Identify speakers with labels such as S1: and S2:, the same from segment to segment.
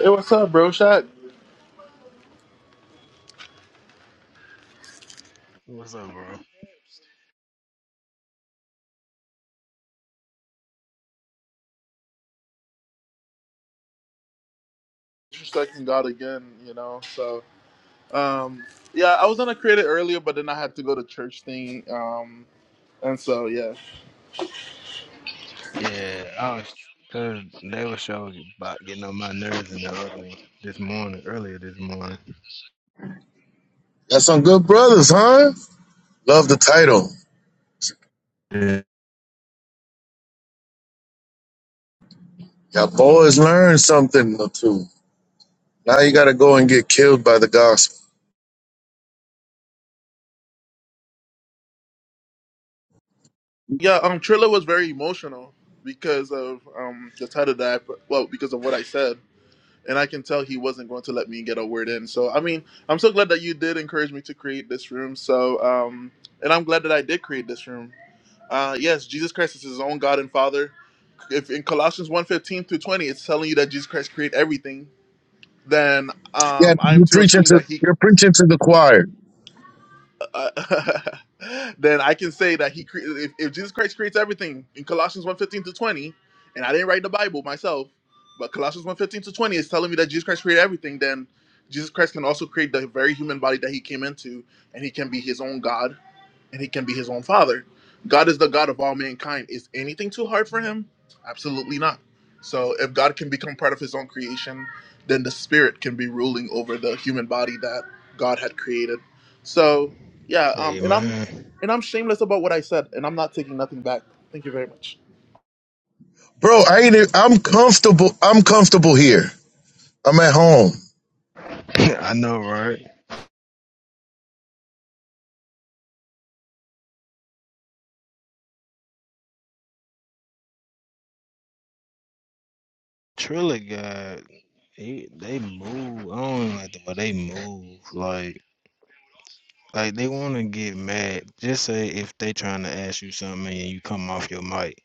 S1: Hey, what's up, bro? Shot
S2: What's up, bro?
S1: disrespecting God again, you know. So, um, yeah, I was gonna create it earlier, but then I had to go to church thing. Um, and so yeah,
S2: Yeah, I was. Cause they were showing about getting on my nerves in the early this morning, earlier this morning.
S3: Got some good brothers, huh? Love the title.
S2: Yeah.
S3: Y'all boys learned something or two. Now you gotta go and get killed by the gospel.
S1: yeah. Um, Trilla was very emotional because of um the title that I put. Well, because of what I said, and I can tell he wasn't going to let me get a word in. So, I mean, I'm so glad that you did encourage me to create this room. So, um, and I'm glad that I did create this room. Uh, yes, Jesus Christ is his own God and Father. If in Colossians one fifteen through 20, it's telling you that Jesus Christ created everything then
S3: Yeah,
S1: um, I'm
S3: you're
S1: to
S3: preaching
S1: assume
S3: to
S1: that he,
S3: you're preaching to the choir,
S1: uh, then I can say that he, cre- if, if Jesus Christ creates everything in Colossians one fifteen to 20, and I didn't write the Bible myself, but Colossians one fifteen to 20 is telling me that Jesus Christ created everything, then Jesus Christ can also create the very human body that he came into, and he can be his own God and he can be his own father. God is the God of all mankind. Is anything too hard for him? Absolutely not. So if God can become part of his own creation, then the spirit can be ruling over the human body that God had created. So yeah, um,
S2: Hey
S1: and I'm
S2: man,
S1: and I'm shameless about what I said, and I'm not taking nothing back. Thank you very much.
S3: bro. I ain't. e- I'm comfortable. I'm comfortable here. I'm at home.
S2: I know, right? Trilla got he, they move. I don't like the way they move. Like, like they want to get mad. Just say if they trying to ask you something and you come off your mic.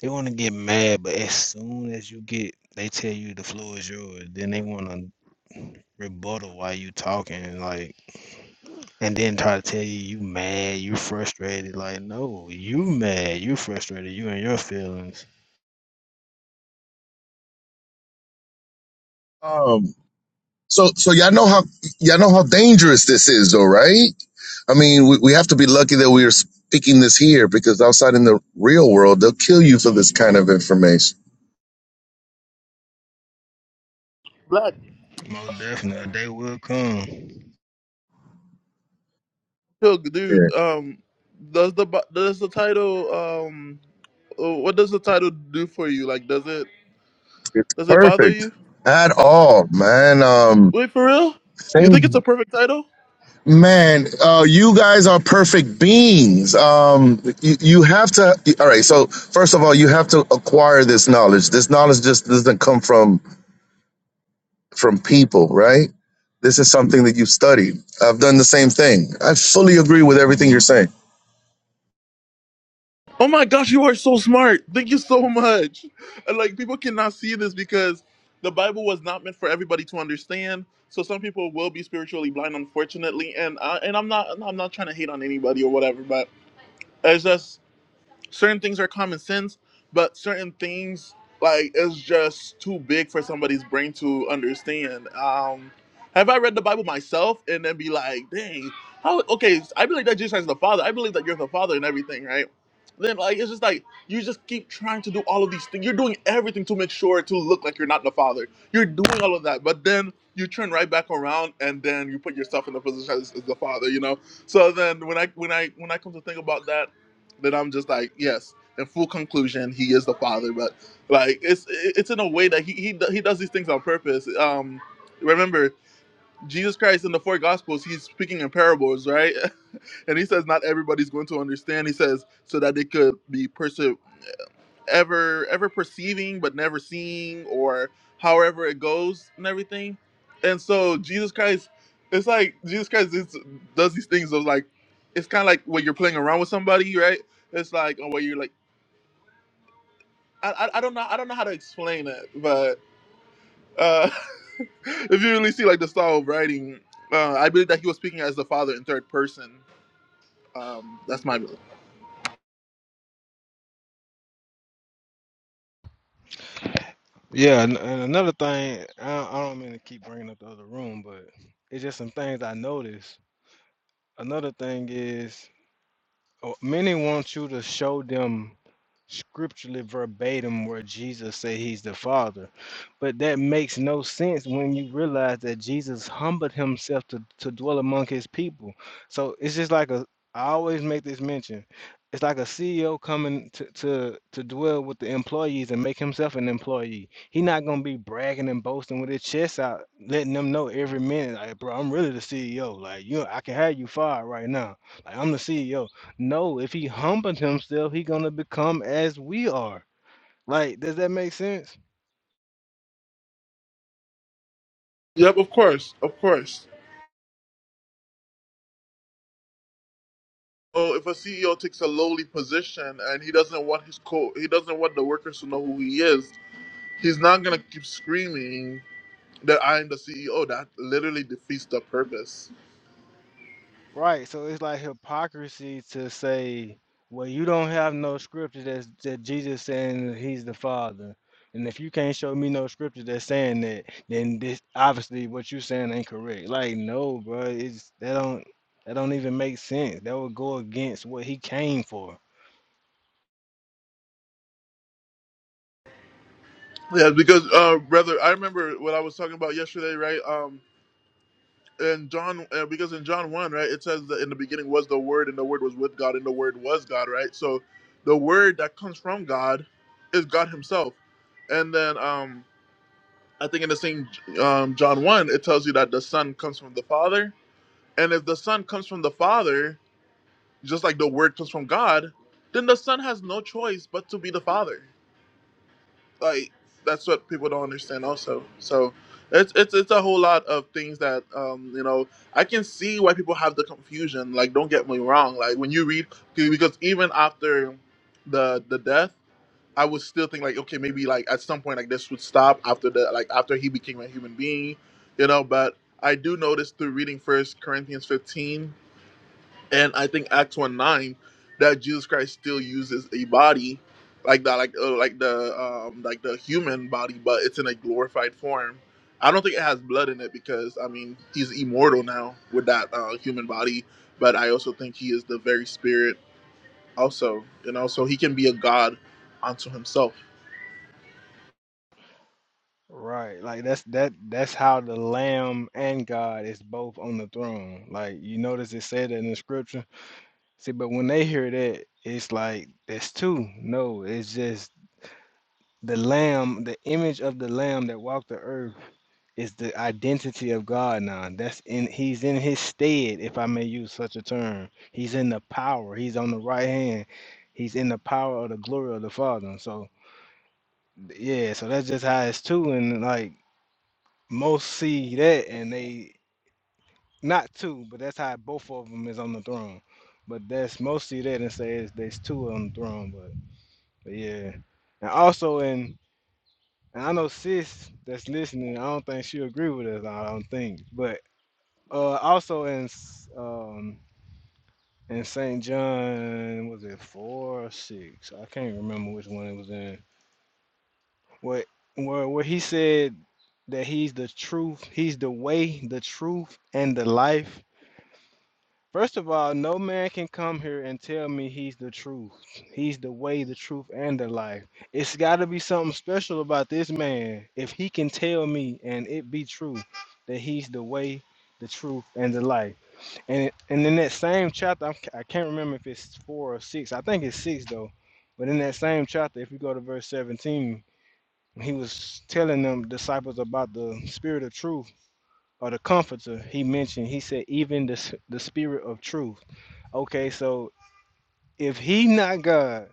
S2: They want to get mad, but as soon as you get, they tell you the floor is yours. Then they want to rebuttal while you talking, like, and then try to tell you you mad, you frustrated. Like, no, you mad, you frustrated, you and your feelings.
S3: Um. So so y'all know how y'all know how dangerous this is, though, right? I mean, we, we have to be lucky that we are speaking this here because outside in the real world, they'll kill you for this kind of information.
S1: Black
S2: Most definitely, a day will come.
S1: Silk, dude.
S3: Yeah,
S1: Um, does the bu- does the title um, uh, what does the title do for you? Like, does it
S3: it's
S1: does it bother you?
S3: perfect at all, man. Um.
S1: Wait, for real? You think it's a
S3: Same.
S1: perfect title?
S3: Man, uh, you guys are perfect beings. Um, you, you have to. All right. So first of all, you have to acquire this knowledge. This knowledge just doesn't come from from people, right? This is something that you studied. I've done the same thing. I fully agree with everything you're saying.
S1: Oh my gosh, you are so smart. Thank you so much. And, Like people cannot see this because the Bible was not meant for everybody to understand. So some people will be spiritually blind, unfortunately. And I, and I'm not I'm not trying to hate on anybody or whatever, but it's just certain things are common sense, but certain things like it's just too big for somebody's brain to understand. Um, have I read the Bible myself and then be like, dang, how? Okay, I believe that Jesus is the Father. I believe that you're the Father and everything, right? Then like it's just like you just keep trying to do all of these things. You're doing everything to make sure to look like you're not the Father. You're doing all of that, but then you turn right back around and then you put yourself in the position as, as the Father. You know. So then when I when I when I come to think about that that I'm just like, yes, in full conclusion, he is the father. But like, it's it's in a way that he he he does these things on purpose. Um, remember Jesus Christ in the four Gospels, he's speaking in parables, right? And he says not everybody's going to understand. He says so that they could be perse- ever ever perceiving but never seeing, or however it goes and everything. And so Jesus Christ, it's like Jesus Christ is, does these things of like, it's kind of like when you're playing around with somebody, right? It's like, oh, where you're like I, I I don't know I don't know how to explain it, but uh, if you really see like the style of writing, uh, I believe that he was speaking as the father in third person. Um, that's my belief.
S2: Yeah, and and another thing, I, I don't mean to keep bringing up the other room, but it's just some things I noticed. Another thing is Oh, Many want you to show them scripturally verbatim where Jesus said he's the Father. But that makes no sense when you realize that Jesus humbled himself to, to dwell among his people. So it's just like a I always make this mention. It's like a CEO coming to, to, to dwell with the employees and make himself an employee. He's not gonna be bragging and boasting with his chest out, letting them know every minute, like, bro, I'm really the CEO. Like, you, I can have you fired right now. Like, I'm the CEO. No, if he humbled himself, he gonna become as we are. Like, does that make sense?
S1: Yep, of course, of course. Oh, if a CEO takes a lowly position and he doesn't want his co he doesn't want the workers to know who he is, he's not gonna keep screaming that I am the CEO. That literally defeats the purpose.
S2: Right. So it's like hypocrisy to say, well, you don't have no scripture that's that Jesus saying that he's the Father. And if you can't show me no scripture that's saying that, then this obviously what you saying ain't correct. Like, no, bro, it's that don't that don't even make sense. That would go against what he came for.
S1: Yeah, because uh, brother, I remember what I was talking about yesterday, right? Um, and John, uh, because in John one, right, it says that in the beginning was the Word, and the Word was with God, and the Word was God, right? So, the Word that comes from God is God Himself, and then um, I think in the same um, John one, it tells you that the Son comes from the Father, and if the Son comes from the Father, just like the Word comes from God, then the Son has no choice but to be the Father like that's what people don't understand also so it's it's, it's a whole lot of things that um you know i can see why people have the confusion like don't get me wrong like when you read because even after the the death i would still think like okay maybe like at some point like this would stop after the like after he became a human being you know but i do notice through reading first corinthians 15 and I think Acts one nine that Jesus Christ still uses a body like that, like uh, like the um like the human body, but it's in a glorified form. I don't think it has blood in it because I mean he's immortal now with that uh, human body, but I also think he is the very spirit also, you know, so he can be a god unto himself.
S2: Right. Like that's that that's how the Lamb and God is both on the throne. Like you notice it said that in the scripture. See, but when they hear that, it's like that's two. No, it's just the Lamb, the image of the Lamb that walked the earth is the identity of God now. That's in he's in his stead, if I may use such a term. He's in the power. He's on the right hand. He's in the power of the glory of the Father. So yeah, so that's just how it's too and like most see that and they not two, but that's how both of them is on the throne. But that's most see that and say it's, there's two on the throne. But, but yeah, and also in and I know sis that's listening. I don't think she agree with us. I don't think. But uh, also in s- um in Saint John was it four or six? I can't remember which one it was in. What where where he said that he's the truth, he's the way, the truth, and the life First of all, no man can come here and tell me he's the truth. He's the way, the truth, and the life. It's got to be something special about this man if he can tell me and it be true that he's the way, the truth, and the life. And and in that same chapter, I'm, I can't remember if it's four or six. I think it's six though. But in that same chapter, if we go to verse 17, he was telling them disciples about the spirit of truth or the comforter. He mentioned. He said, even the s- the spirit of truth. Okay, so if he not God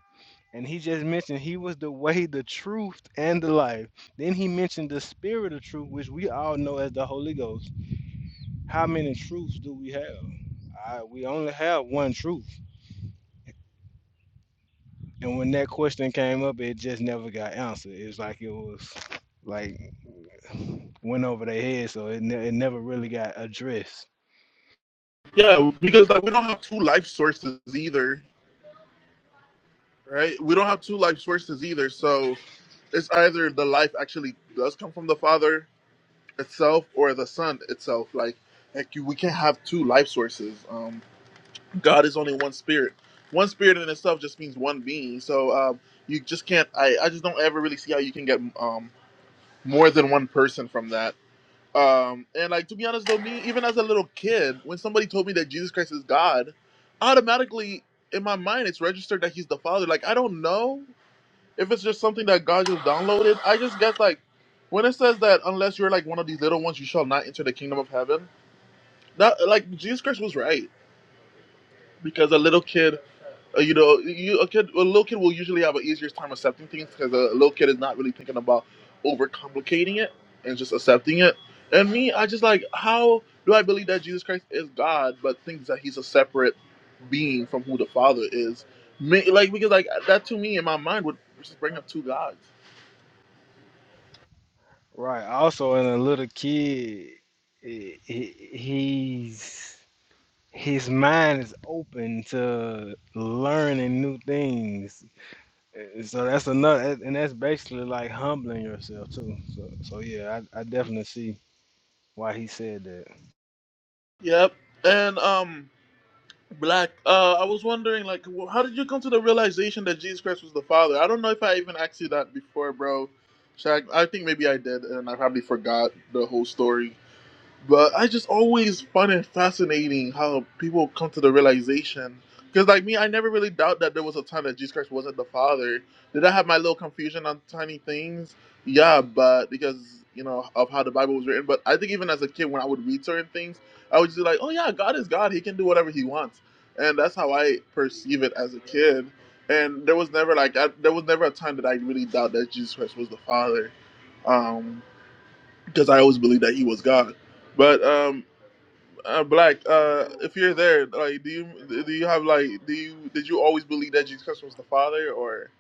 S2: and he just mentioned he was the way, the truth, and the life, then he mentioned the spirit of truth, which we all know as the Holy Ghost. How many truths do we have? I, we only have one truth. And when that question came up, it just never got answered. It's like it was like went over their head, so it, ne- it never really got addressed.
S1: Yeah, because like we don't have two life sources either, right? We don't have two life sources either, so it's either the life actually does come from the Father itself or the son itself like like you, we can't have two life sources um god is only one spirit one spirit in itself just means one being so um you just can't i i just don't ever really see how you can get um more than one person from that um and like to be honest though me even as a little kid when somebody told me that jesus christ is god automatically in my mind it's registered that he's the father like i don't know if it's just something that God just downloaded, I just guess like when it says that unless you're like one of these little ones, you shall not enter the kingdom of heaven. That like Jesus Christ was right because a little kid, uh, you know, you, a kid, a little kid will usually have an easier time accepting things because a little kid is not really thinking about overcomplicating it and just accepting it. And me, I just like how do I believe that Jesus Christ is God, but thinks that he's a separate being from who the Father is? Ma- Like because like that to me in my mind would just bring up two gods
S2: Right. Also, in a little kid, he, he's his mind is open to learning new things. Uh, So that's another, and that's basically like humbling yourself too. So, so yeah, I, I definitely see why he said that.
S1: Yep. And um, Black, uh, I was wondering, like, wh- how did you come to the realization that Jesus Christ was the Father? I don't know if I even asked you that before, bro. Shaq, I think maybe I did, and I probably forgot the whole story. But I just always find it fascinating how people come to the realization. Because, like me, I never really doubt that there was a time that Jesus Christ wasn't the Father. Did I have my little confusion on tiny things? Yeah, but because, you know, of how the Bible was written. But I think even as a kid, when I would read certain things, I would just be like, oh, yeah, God is God. He can do whatever he wants. And that's how I perceive it as a kid. And there was never, like, I, there was never a time that I really doubt that Jesus Christ was the Father. Um, because I always believed that he was God. But um, uh, Black, uh, if you're there, like, do you do you have like do you did you always believe that Jesus Christ was the Father or?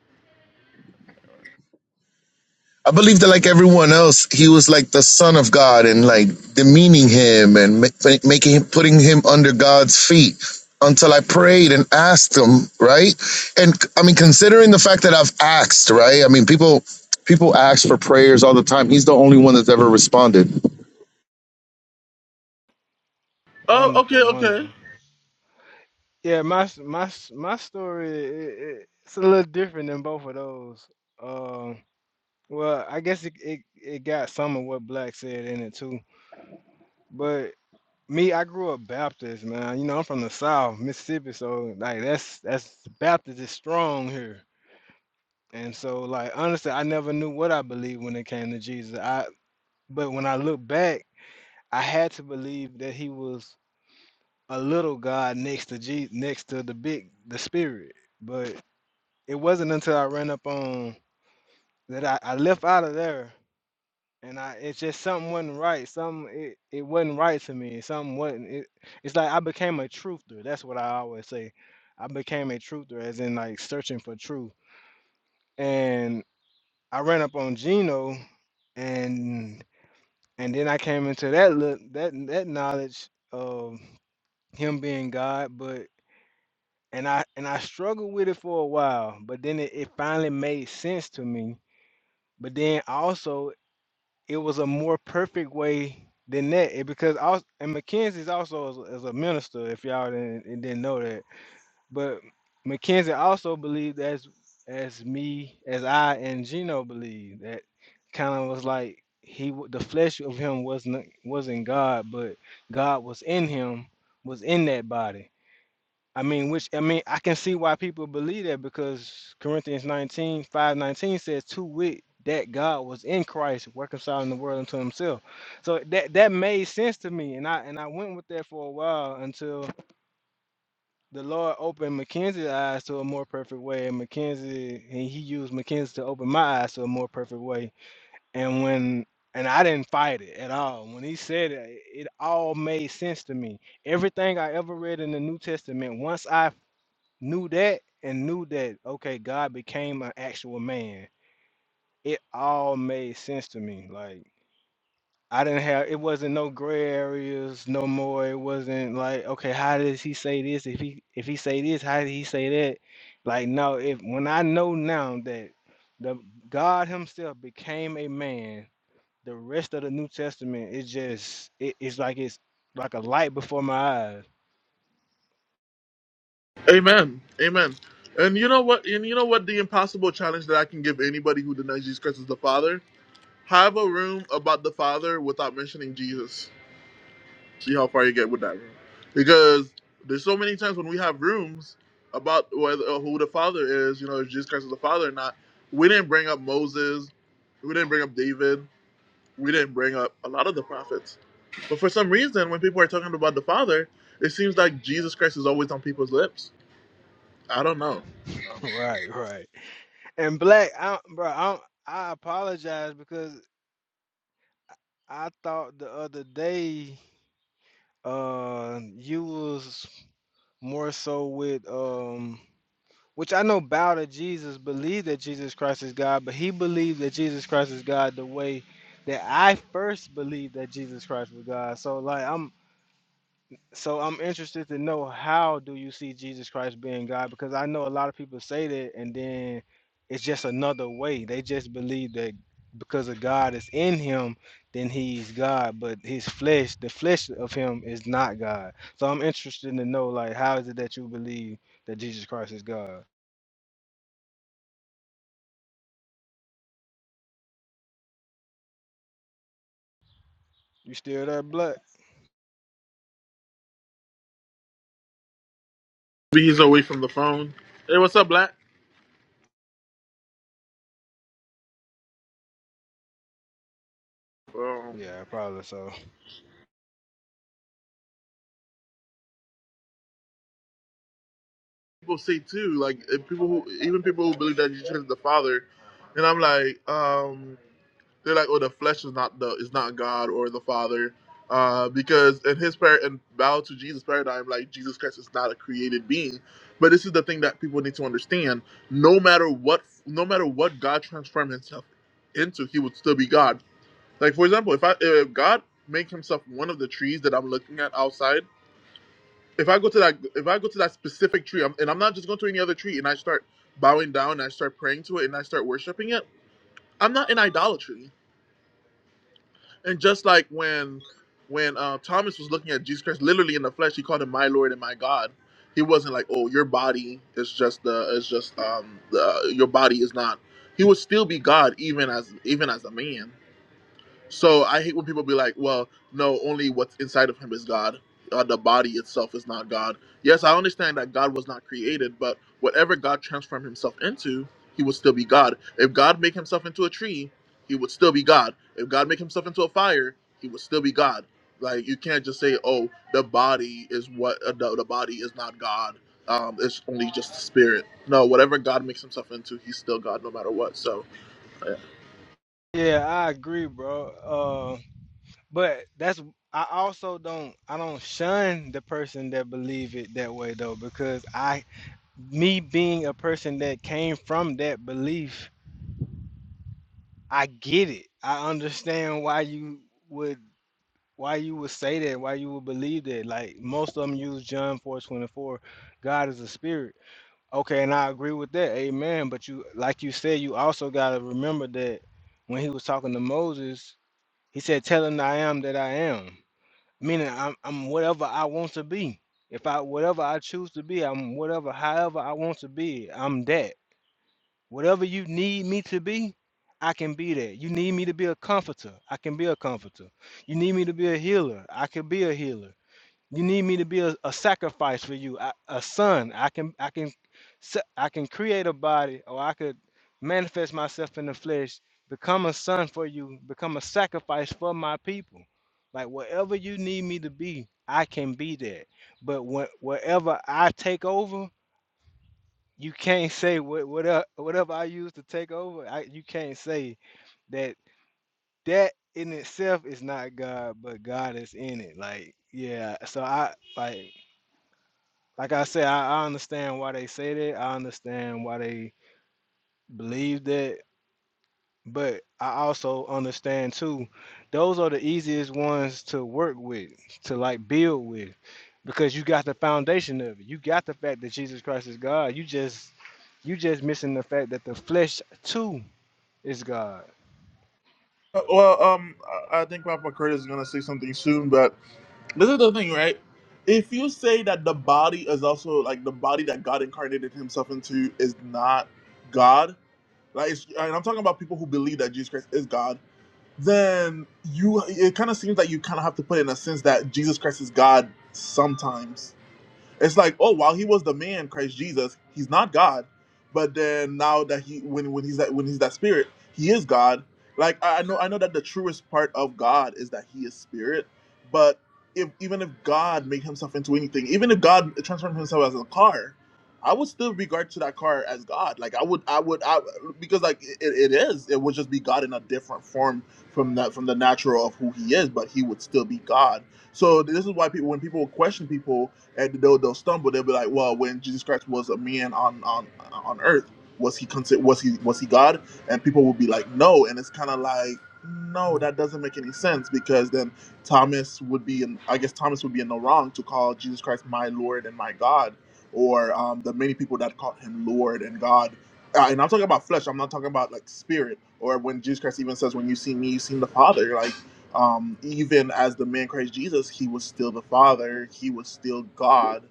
S3: I believe that like everyone else, he was like the son of God and like demeaning him and ma- making him, putting him under God's feet until I prayed and asked him, right? And I mean, considering the fact that I've asked, right? I mean, people, people ask for prayers all the time. He's the only one that's ever responded.
S1: Oh, okay,
S2: Wonderful,
S1: okay,
S2: wonderful. Yeah, my s- my s- my story i i it's a little different than both of those. Um, well, I guess it, it it got some of what Black said in it too, but Me, I grew up Baptist, man. You know, I'm from the South, Mississippi, so like that's that's Baptist is strong here. And so like honestly, I never knew what I believed when it came to Jesus. I but when I look back, I had to believe that he was a little God next to Jesus, next to the big the spirit. But it wasn't until I ran up on that I, I left out of there and I it's just something wasn't right. Some it, it wasn't right to me. Something wasn't it it's like I became a truther. That's what I always say. I became a truther as in like searching for truth. And I ran up on Gino and and then I came into that look that that knowledge of him being God, but and I and I struggled with it for a while, but then it, it finally made sense to me. But then also it was a more perfect way than that it, because I was, and Mackenzie's also as a- minister if y'all didn't, didn't know that but Mackenzie also believed as as me as I and Gino believed, that kind of was like he w- the flesh of him wasn't wasn't God but God was in him was in that body I mean, which I mean, I can see why people believe that because Corinthians 19, five 19 says, to wit, that God was in Christ reconciling the world unto himself. So that that made sense to me. And I and I went with that for a while until the Lord opened Mackenzie's eyes to a more perfect way. And Mackenzie and he used Mackenzie to open my eyes to a more perfect way. And when and I didn't fight it at all. When he said it, it all made sense to me everything I ever read in the New Testament, once I knew that and knew that okay god became an actual man it all made sense to me like i didn't have it wasn't no gray areas no more it wasn't like okay how does he say this if he if he say this how did he say that like no if when i know now that the god himself became a man the rest of the new testament is just it, it's like it's like a light before my eyes
S1: Amen, Amen. And you know what? And you know what? The impossible challenge that I can give anybody who denies Jesus Christ is the Father: have a room about the Father without mentioning Jesus. See how far you get with that, bro. Because there's so many times when we have rooms about whether uh, who the father is, you know, if Jesus Christ is the father or not. We didn't bring up Moses. We didn't bring up David. We didn't bring up a lot of the prophets. But for some reason, when people are talking about the father, it seems like Jesus Christ is always on people's lips. I don't know. You know?
S2: right right And Black, I, bro, I, I apologize because I thought the other day uh, you was more so with um, which I know bow to Jesus, believe that Jesus Christ is God, but he believed that Jesus Christ is God the way that I first believed that Jesus Christ was God. So like I'm. So I'm interested to know how do you see Jesus Christ being God? Because I know a lot of people say that, and then it's just another way. They just believe that because of God is in him, then he's God. But his flesh, the flesh of him, is not God. So I'm interested to know, like, how is it that you believe that Jesus Christ is God? You still there, Black?
S1: Maybe he's away from the phone. Hey, what's up, Black? Um,
S2: Yeah, probably so.
S1: people say too, like if people who, even people who believe that Jesus is the father, and I'm like, um, They're like, oh, the flesh is not the is not God or the Father, uh, because in his par in bow to Jesus paradigm, like Jesus Christ is not a created being. But this is the thing that people need to understand: no matter what, no matter what God transformed Himself into, He would still be God. Like for example, if I if God make Himself one of the trees that I'm looking at outside, if I go to that if I go to that specific tree, I'm, and I'm not just going to any other tree, and I start bowing down, and I start praying to it, and I start worshiping it, I'm not in idolatry. And just like when when uh, Thomas was looking at Jesus Christ, literally in the flesh, he called him my Lord and my God. He wasn't like, "Oh, your body is just the is just um the, your body is not." He would still be God even as even as a man so I hate when people be like, well, no, only what's inside of him is God. Uh, the body itself is not God. Yes, I understand that God was not created, but whatever God transformed himself into, he would still be God. If God make himself into a tree, he would still be God. If God make himself into a fire, he would still be God. Like you can't just say, oh, the body is what uh, the, the body is not God. Um, it's only just the spirit. No, whatever God makes himself into, he's still God no matter what. So
S2: Yeah, I agree, bro. Uh, But that's I also don't I don't shun the person that believe it that way though because I me being a person that came from that belief, I get it. I understand why you would why you would say that, why you would believe that. Like most of them use John 4:24, God is a spirit. Okay, and I agree with that. Amen. But you like you said you also got to remember that when he was talking to Moses, he said tell him I am that I am. Meaning I'm I'm whatever I want to be. If I whatever I choose to be, I'm whatever however I want to be, I'm that. Whatever you need me to be, I can be that. You need me to be a comforter, I can be a comforter. You need me to be a healer, I can be a healer. You need me to be a, a sacrifice for you, I, a son. I can I can sa- I can create a body, or I could manifest myself in the flesh, become a son for you, become a sacrifice for my people. Like whatever you need me to be, I can be that. But when, wherever I take over, you can't say what whatever whatever I use to take over. I, you can't say that that in itself is not God, but God is in it. Like yeah, so I like like I said, I, I understand why they say that. I understand why they believe that. But I also understand too, those are the easiest ones to work with, to like build with, because you got the foundation of it. You got the fact that Jesus Christ is God. You just you just missing the fact that the flesh too is God.
S1: Uh, Well, um, I I think Papa Curtis is gonna say something soon, but this is the thing, right? If you say that the body is also like the body that God incarnated Himself into is not God, like, it's, and I'm talking about people who believe that Jesus Christ is God, then you it kind of seems like you kind of have to put in a sense that Jesus Christ is God sometimes it's like, oh, while he was the man, Christ Jesus, he's not God, but then now that he when when he's that when he's that spirit, he is God. Like I I know I know that the truest part of God is that he is spirit, but if even if God made himself into anything, even if God transformed himself as a car, I would still regard to that car as God. Like I would I would I because like it, it is it would just be God in a different form from that from the natural of who he is, but he would still be God. So this is why people when people question people and they'll they'll stumble. They'll be like, well, when Jesus Christ was a man on on on earth, was he consider was he was he God? And people will be like, no, and it's kind of like. No,
S4: Uh,
S1: that doesn't make any sense because then Thomas would be, in, I guess Thomas would be in the wrong to call Jesus Christ my Lord and my God, or um, the many people that called him Lord and God. Uh, and I'm talking about flesh. I'm not talking about like spirit or when Jesus Christ even says, "When you see me, you seen the Father." Like um, even as the man Christ Jesus, he was still the Father. He was still God.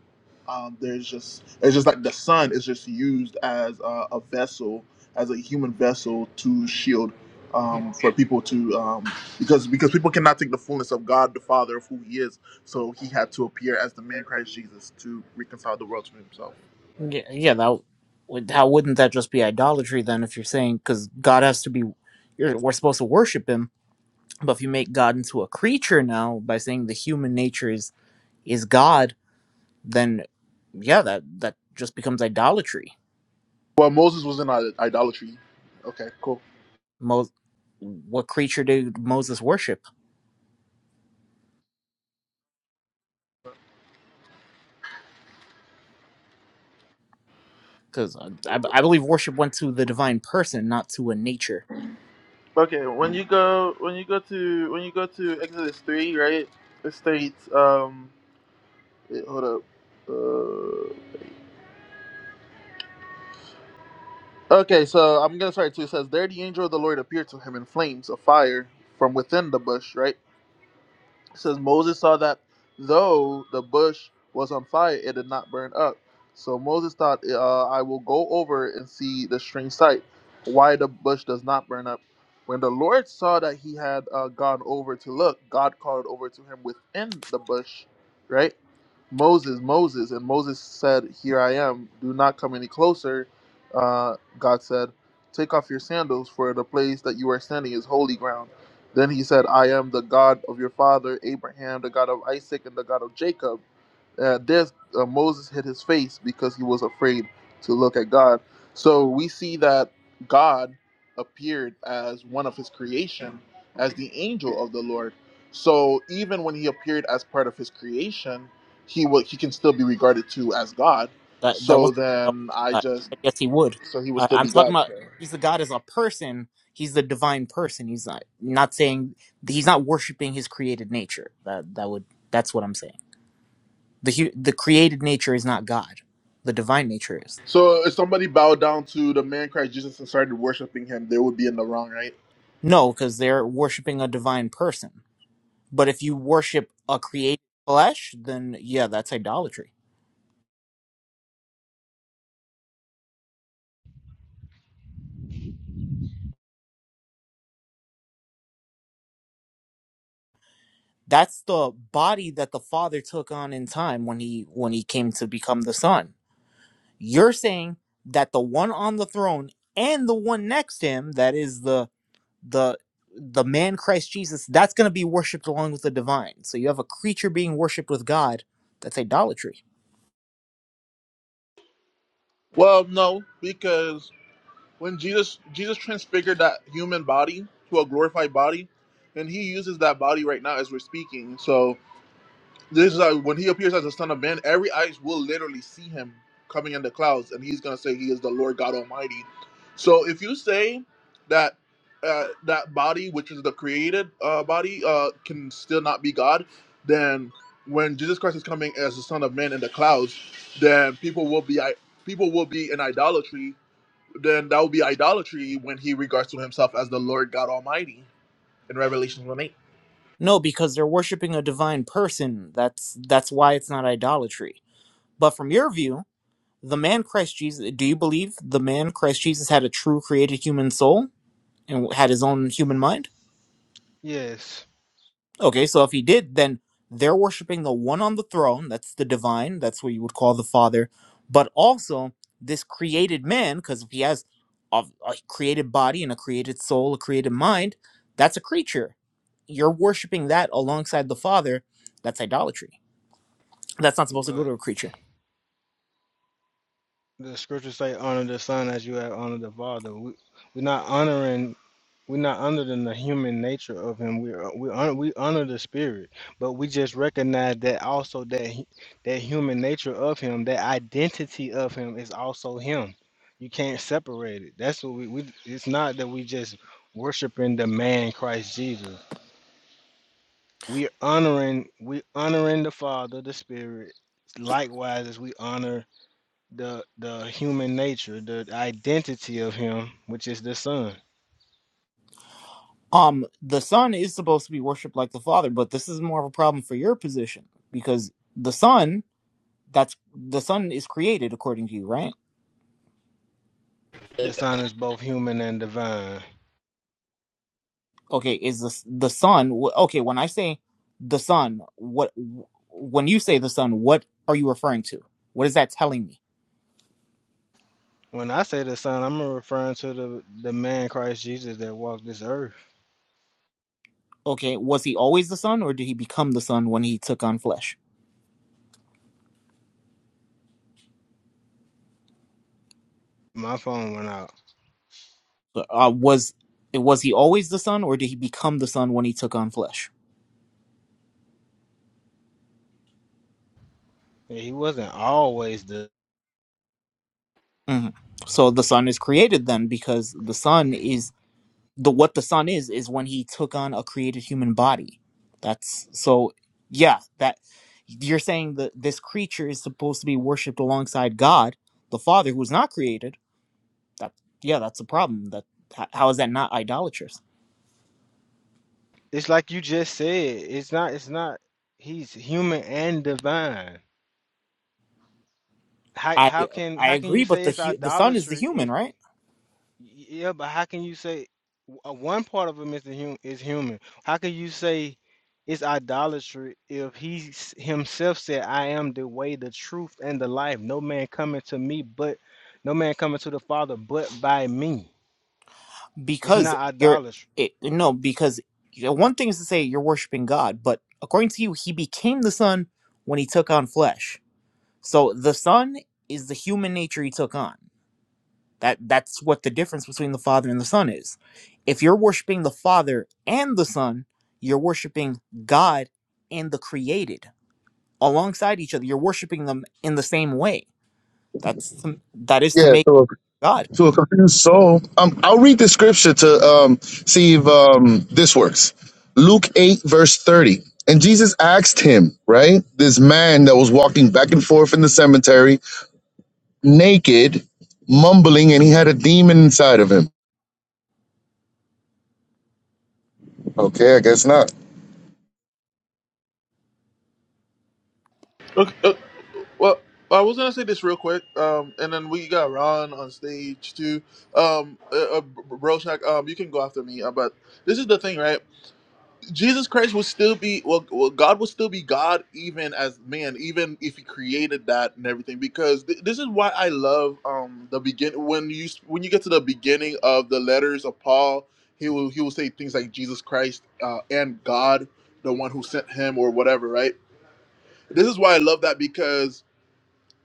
S1: Um, there's just it's just like the Son is just used as a, a vessel, as a human vessel to shield
S4: yeah,
S1: um, for people to um, because because people cannot take the fullness of God the Father of who He is. So He had to appear as the man Christ Jesus to reconcile the world to Himself.
S4: yeah, yeah, that would, how wouldn't that just be idolatry then if you're saying because God has to be, you're, we're supposed to worship Him, but if you make God into a creature now by saying the human nature is is God, then yeah, that that just becomes idolatry.
S1: Well, Moses was in i- idolatry. Okay, cool.
S4: Mo- what creature did Moses worship? Because I, I believe worship went to the divine person, not to a nature.
S1: Okay, when you go when you go to when you go to Exodus three, right? It states um wait, hold up. Uh, okay, so I'm gonna start too. It says there the angel of the Lord appeared to him in flames of fire from within the bush, right? It says Moses saw that though the bush was on fire, it did not burn up. So Moses thought, uh, I will go over and see the strange sight, why the bush does not burn up. When the Lord saw that he had uh, gone over to look, God called over to him within the bush, right? Moses, Moses. And Moses said, Here I am. Do not come any closer. Uh, God said, Take off your sandals, for the place that you are standing is holy ground. Then he said, I am the God of your father Abraham, the God of Isaac, and the God of Jacob. At this, uh, Moses hid his face because he was afraid to look at God. So we see that God appeared as one of his creation, as the angel of the Lord. So even when he appeared as part of his creation, he will, he can still be regarded to as God.
S4: That that
S1: So
S4: wasn't what I was
S1: then I
S4: saying.
S1: just
S4: yes, he would.
S1: so he would
S4: I,
S1: still
S4: I'm
S1: be
S4: talking
S1: God.
S4: about he's the God as a person. He's the divine person. He's not not saying he's not worshiping his created nature. That that would that's what I'm saying. The hu- the created nature is not God. The divine nature is
S1: So if somebody bowed down to the man Christ Jesus and started worshiping him, they would be in the wrong, right?
S4: no, because they're worshiping a divine person. But if you worship a created flesh, then yeah, that's idolatry. That's the body that the Father took on in time when he when he came to become the Son You're saying that the one on the throne and the one next to him, that is the the the man Christ Jesus, that's going to be worshipped along with the divine. So you have a creature being worshipped with God. That's idolatry.
S1: Well, no, because when Jesus Jesus transfigured that human body to a glorified body, and he uses that body right now as we're speaking. So This is like when he appears as the Son of Man, every eyes will literally see him coming in the clouds, and he's gonna say he is the Lord God Almighty. So if you say that uh, that body, which is the created uh, body, uh, can still not be God, then when Jesus Christ is coming as the Son of Man in the clouds, then people will be I- people will be in idolatry. Then that will be idolatry when he regards to himself as the Lord God Almighty in Revelation one eight.
S4: No, because they're worshiping a divine person. That's that's why it's not idolatry. But from your view, the man Christ Jesus, do you believe the man Christ Jesus had a true created human soul and had his own human mind?
S2: Yes.
S4: Okay, so if he did, then they're worshiping the one on the throne. That's the divine. That's what you would call the Father. But also this created man, because if he has a, a created body and a created soul, a created mind. That's a creature. You're worshiping that alongside the Father. That's idolatry. That's not supposed to go to
S2: But
S4: a creature.
S2: the scriptures say honor the son as you have honored the father. We, we're not honoring We're not under the the human nature of him. We are, we honor we honor the spirit, but we just recognize that also that he- that human nature of him, that identity of him, is also him. You can't separate it. That's what we, we. It's not that we just worshiping the man Christ Jesus. We honoring we honoring the Father, the Spirit. Likewise, as we honor the the human nature, the identity of him, which is the Son.
S4: Um, the Son is supposed to be worshipped like the Father, but this is more of a problem for your position because the Son, that's the Son is created according to you, right?
S2: The Son is both human and divine.
S4: okay is the the son wh- okay when i say the son what when you say the son what are you referring to what is that telling me
S2: When I say the son, I'm referring to the the man Christ Jesus that walked this earth.
S4: okay was he always the son or did he become the son when he took on flesh
S2: My phone went out.
S4: So, uh, was was he always the son or did he become the son when he took on flesh
S2: Yeah, He wasn't always the.
S4: hmm so the son is created then because the son is the what the son is is when he took on a created human body that's so yeah that you're saying that this creature is supposed to be worshipped alongside god the father who's not created that yeah that's a problem that h- how is that not idolatrous
S2: It's like you just said. It's not. It's not. He's human and divine. How
S4: i
S2: how can
S4: i
S2: how can
S4: agree
S2: you
S4: but
S2: say
S4: the
S2: it's
S4: hu- the son is the
S2: idolatry if?
S4: human right
S2: Yeah, but how can you say w- uh, one part of him is the hum is human? How can you say it's idolatry if he s- himself said, "I am the way, the truth, and the life. No man coming to me, but no man coming to the Father, but by me." It's
S4: because
S2: not
S4: you're
S2: idolatry.
S4: it, no because you know, one thing is to say you're worshiping god but according to you he became the son when he took on flesh so the son is the human nature he took on That that's what the difference between the Father and the Son is. If you're worshiping the Father and the Son, you're worshiping God and the created alongside each other. You're worshiping them in the same way. That's to, that is to
S3: Yeah.
S4: make
S3: So
S4: God.
S3: to a confused soul. Um, I'll read the scripture to um, see if um, this works. Luke 8, verse 30. And Jesus asked him, right? This man that was walking back and forth in the cemetery, naked, mumbling, and he had a demon inside of him. Okay, I guess not.
S1: Okay. Well, I was gonna say this real quick, um, and then we got Ron on stage too. Um, uh, uh, Broshak, um, you can go after me, uh, but this is the thing, right? Jesus Christ will still be well, well. God will still be God, even as man, even if He created that and everything. Because th- this is why I love um the begin when you when you get to the beginning of the letters of Paul, he will he will say things like Jesus Christ uh, and God, the one who sent him or whatever, right? This is why I love that because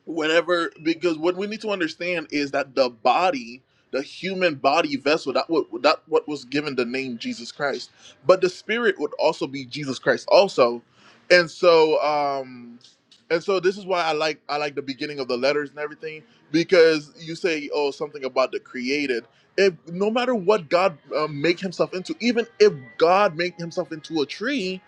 S1: whenever because what we need to understand is that the body the human body vessel that what that what was given the name jesus christ but the spirit would also be jesus christ also and so um and so this is why i like i like the beginning of the letters and everything because you say oh something about the created if no matter what god uh, make himself into even if god make himself into a tree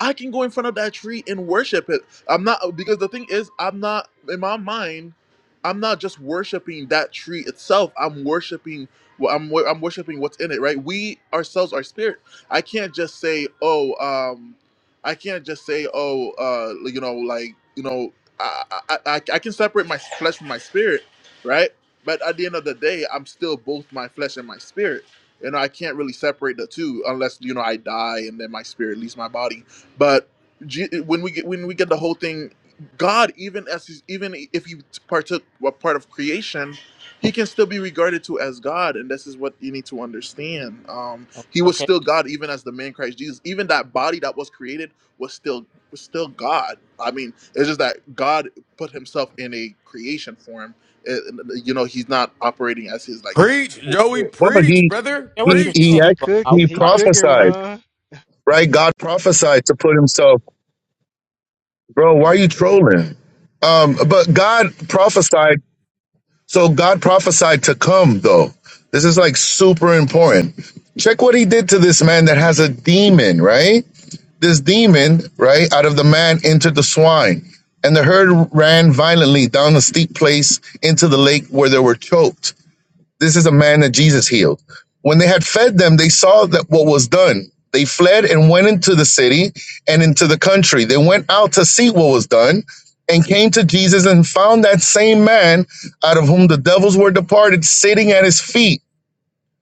S1: i can go in front of that tree and worship it I'm not because the thing is, I'm not in my mind. I'm not just worshiping that tree itself. I'm worshiping. Well, I'm wor- I'm worshiping what's in it, right? We ourselves are spirit. I can't just say, oh, um, I can't just say, oh, uh, you know, like you know, I I, I I can separate my flesh from my spirit, right? But at the end of the day, I'm still both my flesh and my spirit. You know, I can't really separate the two unless you know I die and then my spirit leaves my body. But Je- when we get when we get the whole thing god even as he's, even if he partook what part of creation he can still be regarded to as god and this is what you need to understand um
S4: O-
S1: he was
S4: Okay,
S1: still god even as the man christ jesus even that body that was created was still was still god i mean it's just that god put himself in a creation form Uh, you know he's not operating as his like
S4: I,
S5: Preach,
S1: full
S4: I,
S5: Joey,
S1: spirit
S3: Well,
S5: preach,
S3: he
S4: I
S5: brother,
S4: get
S3: he
S4: what you're
S5: preach.
S3: he
S2: Oh,
S4: saying,
S2: he
S3: act-
S4: but I would,
S2: cooking.
S3: he
S2: He
S4: I would
S2: cooking,
S3: prophesied,
S2: Ron.
S3: right? God prophesied to put himself, bro. Why
S4: yeah.
S3: are you
S4: I
S3: trolling? Um, but God prophesied So God prophesied to come, though. This is like super important. Check what he did to this man that has a demon, right? This demon, right, out of the man entered the swine. And the herd ran violently down the steep place into the lake where they were choked. This is a man that Jesus healed. When they had fed them, they saw that what was done. They fled and went into the city and into the country. They went out to see what was done and came to Jesus and found that same man out of whom the devils were departed sitting at his feet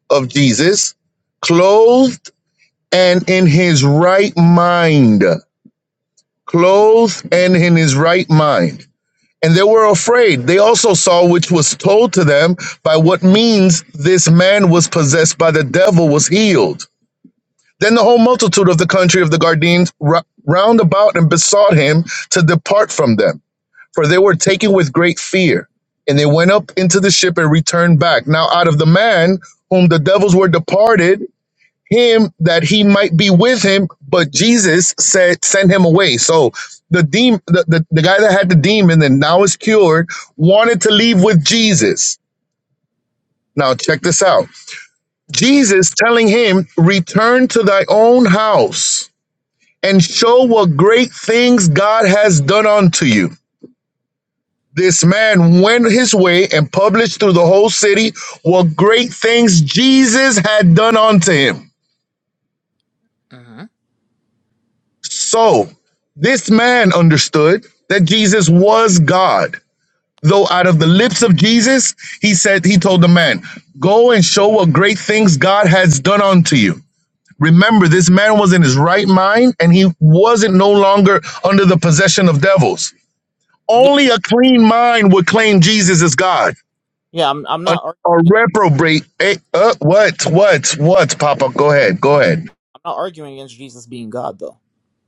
S3: of Jesus, clothed and in his right mind. Clothed and in his right mind and they were afraid. They also saw which was told to them by what means this man was possessed by the devil was healed. Then the whole multitude of the country of the Gardenes round about and besought him to depart from them, for they were taken with great fear. And they went up into the ship and returned back. Now, out of the man whom the devils were departed, him that he might be with him, but Jesus said, send him away. So the demon, the, the, the guy that had the demon and now is cured, wanted to leave with Jesus. Now check this out. Jesus telling him, return to thy own house and show what great things God has done unto you. This man went his way and published through the whole city what great things Jesus had done unto him.
S4: Mhm.
S3: So this man understood that Jesus was God. Though out of the lips of Jesus, he said, he told the man, Go and show what great things God has done unto you. Remember, this man was in his right mind and he wasn't no longer under the possession of devils.
S4: Yeah,
S3: Only a clean mind would claim Jesus as God.
S4: yeah. I'm I'm
S3: A,
S4: not
S3: a
S4: arguing.
S3: reprobate. eh, uh, what? What? What? Papa, go ahead. Go ahead.
S4: I'm not arguing against Jesus being God, though.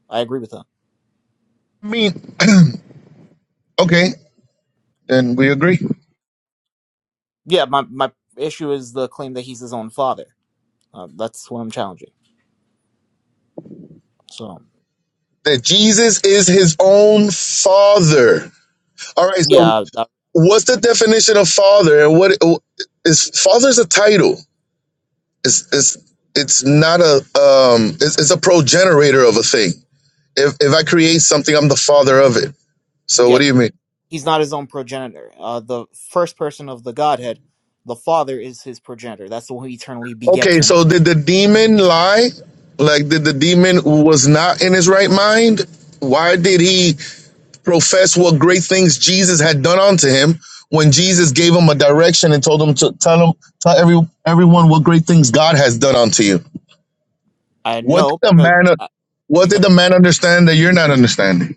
S4: I agree with that.
S3: I mean, okay, then we agree.
S4: Yeah, my my issue is the claim that he's his own father. Uh, that's what I'm challenging. So.
S3: that Jesus is his own father. All right, so
S4: Yeah, uh,
S3: what's the definition of father and what is father's a title? It's it's it's not a um it's, it's a progenitor of a thing. If if I create something, I'm the father of it. So what
S4: yeah.
S3: do you mean?
S4: He's not his own progenitor. Uh, the first person of the Godhead, the Father, is his progenitor. That's the one who eternally begets
S3: Okay,
S4: him.
S3: so did the demon lie? Like did the demon was not in his right mind? Why did he profess what great things Jesus had done unto him when Jesus gave him a direction and told him to tell him tell every, everyone what great things God has done unto you.
S4: I
S3: What did
S4: know
S3: the
S4: because
S3: man
S4: uh,
S3: what did
S4: because
S3: the man understand that you're not understanding?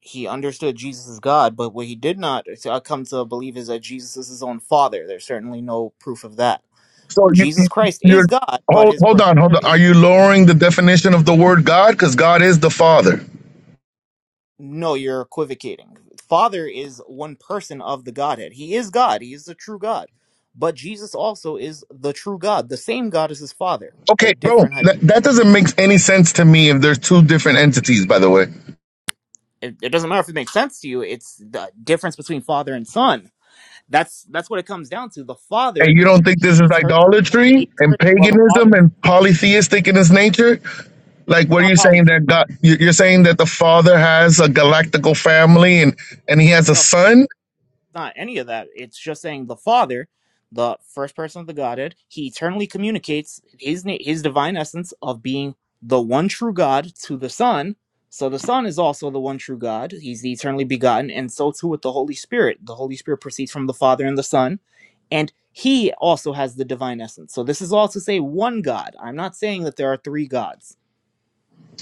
S4: he understood Jesus is God, but what he did not uh, come to believe is that Jesus is his own Father. There's certainly no proof of that.
S3: So you,
S4: Jesus
S3: you-
S4: Christ is
S3: you're
S4: God, but
S3: hold
S4: his
S3: hold
S4: progenitor
S3: on hold on.
S4: is.
S3: Are you lowering the definition of the word God because God is the Father?
S4: No, you're equivocating. Father is one person of the Godhead. He is God. He is the true God. But Jesus also is the true God, the same God as his Father,
S3: Okay,
S4: but
S3: bro,
S4: different. Hypo-
S3: that, that doesn't make any sense to me if there's two different entities, by the way.
S4: it, it doesn't matter if it makes sense to you. It's the difference between Father and Son. That's that's what it comes down to. The Father,
S3: And you don't think this is
S4: he eternal.
S3: idolatry
S4: He
S3: and
S4: eternal well, the
S3: paganism
S4: Father.
S3: and polytheistic in its nature? Like,
S4: It's
S3: what are
S4: not
S3: you saying
S4: polytheism.
S3: that God? you- You're saying that the Father has a galactical family, and and He has a Son.
S4: not any of that. It's just saying the Father, the first person of the Godhead, he eternally communicates his na- his divine essence of being the one true God to the Son. So the Son is also the one true God. He's the eternally begotten, and so too with the Holy Spirit. The Holy Spirit proceeds from the Father and the Son, and he also has the divine essence. So this is all to say one God. I'm not saying that there are three gods.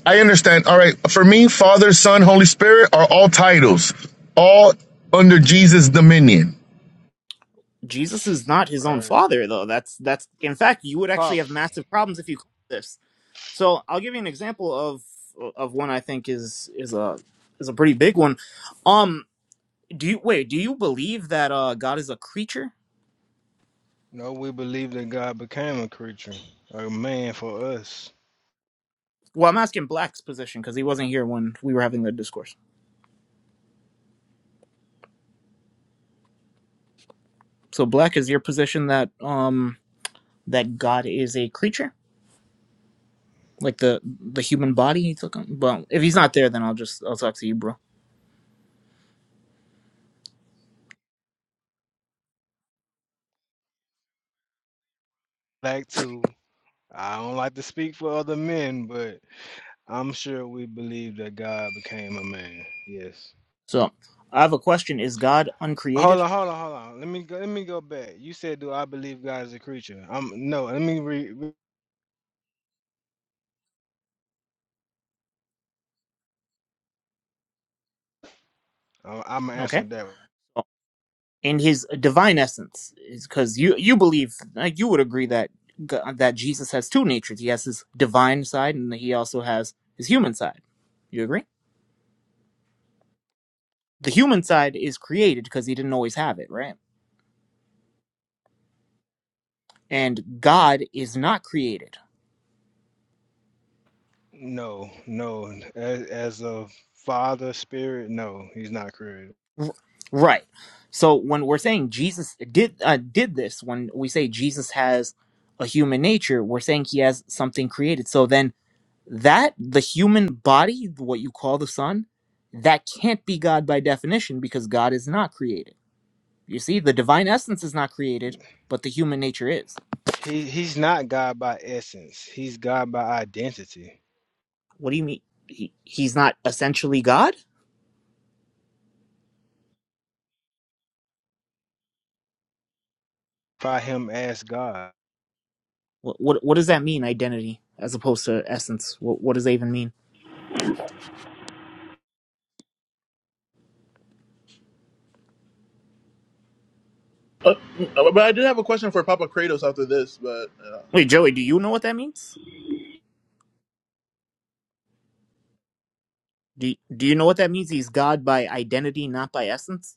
S3: I understand. All right, for me, Father, Son, Holy Spirit are all titles, all under Jesus' dominion,
S4: Jesus is not his own
S2: Right.
S4: father, though. That's that's in fact you would actually
S2: Pop.
S4: have massive problems if you claim this. So I'll give you an example of of one I think is is a is a pretty big one. Um, do you wait? Do you believe that uh, God is a creature?
S2: No, we believe that God became a creature, a man for us.
S4: Well, I'm asking Black's position because he wasn't here when we were having the discourse. So Black is your position that um that God is a creature, like the the human body he took on. Well, if he's not there, then I'll just I'll talk to you, bro.
S2: Back to, I don't like to speak for other men, but. I'm sure we believe that God became a man. Yes.
S4: So I have a question: Is God
S2: Hold
S4: uncreated?
S2: on, hold on, hold on. Let me go. Let me go back. You said, "Do I believe God is a creature?" Um, no. Let me re. re I'm
S4: Okay.
S2: answering that.
S4: in his divine essence because you you believe like you would agree that G- that Jesus has two natures. He has his divine side and he also has his human side. You agree? The human side is created because he didn't always have it, right? And God is not created,
S2: No, no. As, as a father spirit, no, he's not created.
S4: R- right? So when we're saying Jesus did uh, did this, when we say Jesus has a human nature, we're saying he has something created. So then that the human body what you call the sun that can't be god by definition because god is not created you see the divine essence is not created but the human nature is
S2: He he's not God by essence. He's God by identity.
S4: what do you mean he, he's not essentially god
S2: By him as God.
S4: what, what what does that mean identity as opposed to essence what what does that even mean
S1: Uh, but i did have a question for papa kratos after this but Uh,
S4: wait joey do you know what that means do do you know what that means he's god by identity not by essence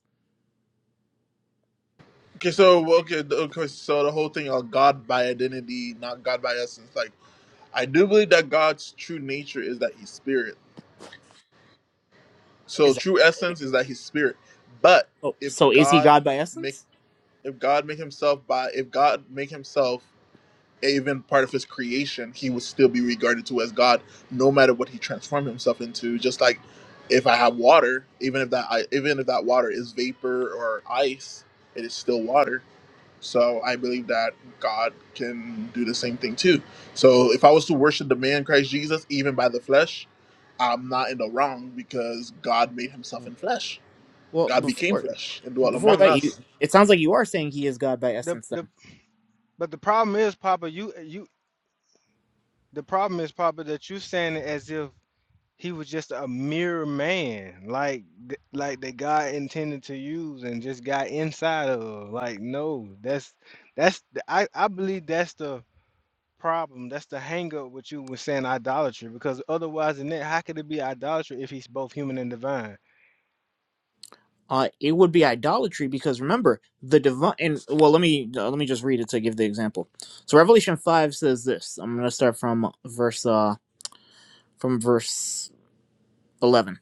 S1: Okay, so well, okay, the- okay, so the whole thing of God by identity, not God by essence. Like, I do believe that God's true nature is that He's spirit. So
S4: is that
S1: true essence is that He's spirit. But
S4: oh,
S1: if
S4: so is he
S1: God
S4: god by
S1: make
S4: essence
S1: if God make Himself by if God make Himself even part of His creation, He would still be regarded to as God, no matter what He transformed Himself into. Just like if I have water, even if that I even if that water is vapor or ice, it is still water So I believe that God can do the same thing too. So if I was to worship the man Christ Jesus, even by the flesh, I'm not in the wrong because God made himself
S4: Mm.
S1: in flesh.
S4: Well,
S1: God became
S4: before
S1: flesh and dwelt
S4: before
S1: among
S4: that, you
S1: us.
S4: it sounds like you are saying he is God by
S2: The
S4: essence.
S2: the
S4: Then,
S2: but the problem is, Papa. You you. The problem is, Papa, that you saying it as if He was just a mere man, like th- like that God intended to use, and just got inside of. Like, no, that's that's the- I I believe that's the problem. That's the hang up with you with saying idolatry, because otherwise, in that, how could it be idolatry if he's both human and divine?
S4: uh, it would be idolatry because remember the divine. And well, let me uh, let me just read it to give the example. So Revelation five says this. I'm going to start from verse uh from verse eleven.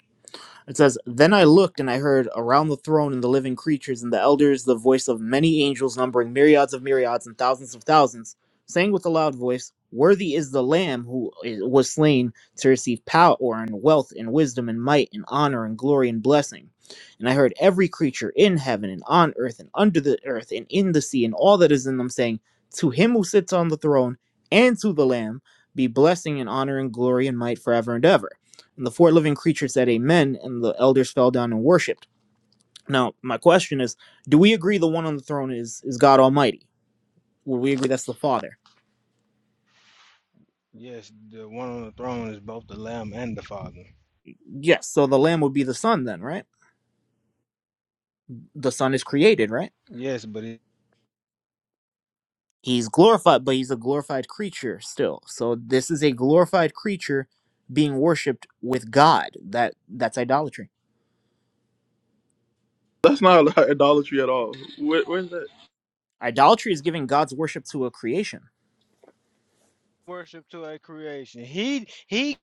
S4: It says, Then I looked and I heard around the throne and the living creatures and the elders the voice of many angels numbering myriads of myriads and thousands of thousands, saying with a loud voice, 'Worthy is the Lamb who i- was slain to receive power and wealth and wisdom and might and honor and glory and blessing. And I heard every creature in heaven and on earth and under the earth and in the sea and all that is in them saying, 'To him who sits on the throne and to the Lamb be blessing and honor and glory and might forever and ever. And the four living creatures said amen, and the elders fell down and worshipped. Now, my question is, do we agree the one on the throne is is God Almighty? Would we agree that's the Father?
S2: Yes, the one on the throne is both the Lamb and the Father.
S4: Yes, so the Lamb would be the Son then, right? The Son is created, right?
S2: Yes, but it
S4: He's glorified, but he's a glorified creature still. So this is a glorified creature being worshipped with God. That that's idolatry.
S1: That's not like idolatry at all. Where, where's that?
S4: Idolatry is giving God's worship to a creation.
S2: worship to a creation. He he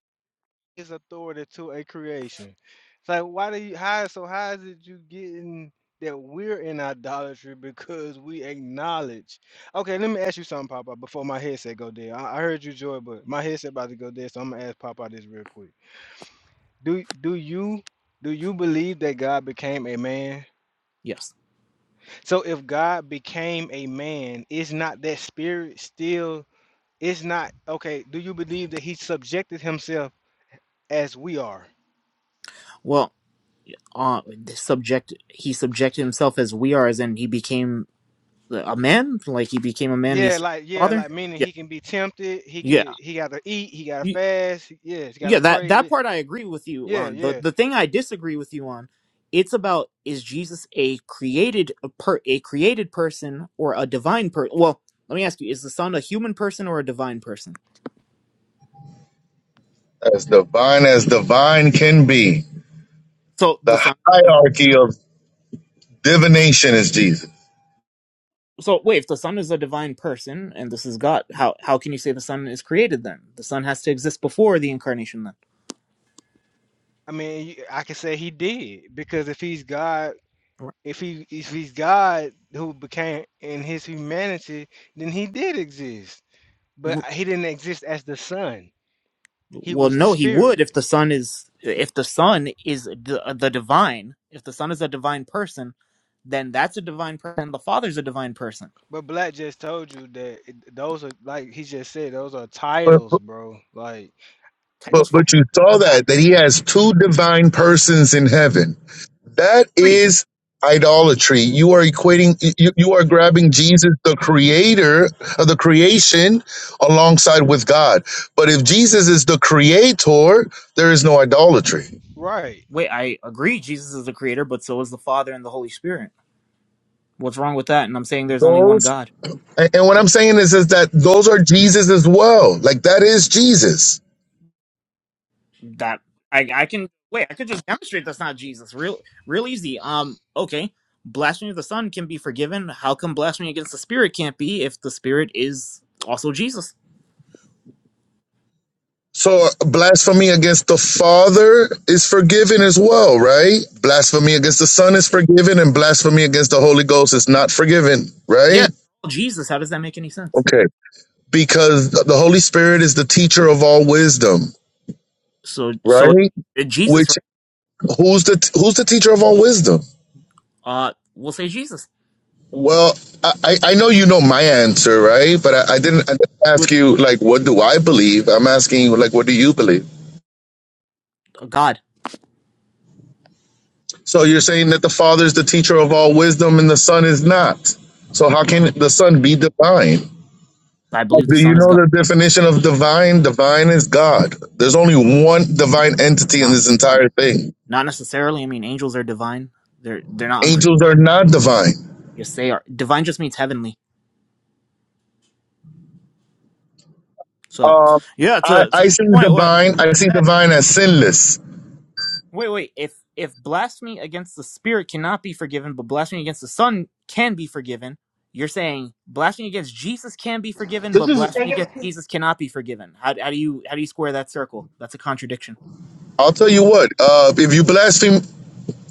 S2: his authority to a creation. It's like why do you how so how is it you getting that we're in idolatry because we acknowledge. Okay, let me ask you something, Papa, before my headset go dead. I, I heard you Joy, but my headset about to go dead, so I'm gonna ask Papa this real quick. Do do you do you believe that God became a man?
S4: Yes.
S2: So if God became a man, is not that spirit still it's not okay, do you believe that he subjected himself as we are?
S4: Well, uh, subject he subjected himself as we are, as in he became a man like he became a man and he
S2: Yeah,
S4: served
S2: like
S4: the
S2: yeah,
S4: father
S2: like meaning
S4: yeah
S2: he can be tempted. He
S4: yeah
S2: could he got to eat. He got to
S4: Y-
S2: fast. he- Yeah, he got
S4: yeah
S2: to
S4: that
S2: pray.
S4: that
S2: Yeah,
S4: part i agree with you
S2: yeah,
S4: on the
S2: yeah.
S4: the thing i disagree with you on it's about is jesus a created a, per, a created person or a divine person well let me ask you is the son a human person or a divine person
S3: as divine as divine can be.
S4: so the
S3: The
S4: son is a div-
S3: hierarchy of divination is Jesus.
S4: so wait if the son is a divine person and this is god how how can you say the son is created then the son has to exist before the incarnation then
S2: I mean, you- I could say he did because if he's God, if he if he's God who became in his humanity, then he did exist. But uh, he didn't exist as the Son. He
S4: Well,
S2: was the
S4: no, he would
S2: Spirit.
S4: if the son is if the son is the, the divine. If the son is a divine person, then that's a divine person. The father's a divine person.
S2: But Black just told you that it- those are like he just said those are
S3: But
S2: titles, bro. Like
S3: But
S4: Titles for
S3: but you saw
S2: I
S3: that that he has two divine persons in heaven. That
S4: free.
S3: is idolatry. You are equating you, you are grabbing Jesus the creator of the creation alongside with God. But if Jesus is the creator, there is no idolatry.
S2: right.
S4: Wait, I agree. Jesus is the creator, but so is the Father and the Holy Spirit. What's wrong with that? And I'm saying there's only one
S3: Those
S4: God.
S3: and and what I'm saying is is that those are Jesus as well. Like that is Jesus.
S4: That I I can wait. I could just demonstrate that's not Jesus. Real real easy. Um. Okay. Blasphemy of the Son can be forgiven. How come blasphemy against the Spirit can't be if the Spirit is also Jesus?
S3: So blasphemy against the Father is forgiven as well, right? Blasphemy against the Son is forgiven, and blasphemy against the Holy Ghost is not forgiven,
S4: Yeah,
S3: right?
S4: Jesus. How does that make any sense?
S3: Okay. Because the Holy Spirit is the teacher of all wisdom,
S4: So, so
S3: right?
S4: uh, Jesus, right?
S3: Which who's the who's the teacher of all wisdom?
S4: Uh, we'll say Jesus.
S3: Well, I, I I know you know my answer, right? But I, I didn't I didn't
S4: You would
S3: ask you like what do I believe. I'm asking you like what do you believe?
S4: uh, God.
S3: So you're saying that the Father is the teacher of all wisdom and the Son is not. So how can the Son be divine?
S4: I believe the
S3: Do you
S4: Son is
S3: know
S4: God.
S3: the definition of divine? Divine is God. There's only one divine entity in
S4: Not,
S3: this
S4: not
S3: entire thing.
S4: not necessarily. I mean, angels are divine. They're they're not uncreated.
S3: Angels are not divine.
S4: Yes, they are. Divine just means heavenly. So,
S3: Uh,
S4: yeah,
S3: I,
S4: to to that
S3: I see
S4: point, what
S3: divine. I see divine as sinless.
S4: Wait, wait. If if blasphemy against the spirit cannot be forgiven, but blasphemy against the Son can be forgiven, you're saying blasphemy against Jesus can be forgiven,
S1: This
S4: but
S1: is
S4: blasphemy against Jesus cannot be forgiven. How, how do you how do you square that circle? That's a contradiction.
S3: I'll tell you what. Uh, if you blaspheme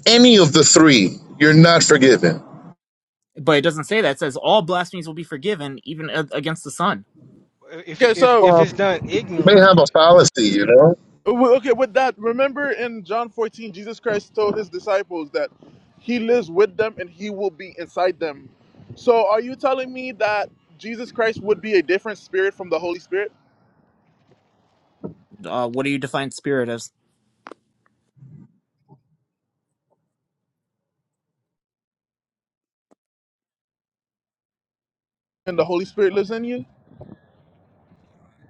S3: any of the three, you're not forgiven.
S4: But it doesn't say that. It says all blasphemies will be forgiven, even a- against the Son.
S2: If
S1: okay.
S2: if
S1: So
S2: if
S3: Well,
S2: it's done
S3: you may have a
S2: ignorantly.
S3: fallacy, you know.
S1: w- okay, with that, remember in John 14, Jesus Christ told his disciples that he lives with them and he will be inside them. So are you telling me that Jesus Christ would be a different spirit from the Holy Spirit?
S4: Uh, what do you define spirit as?
S1: and the Holy Spirit lives in you?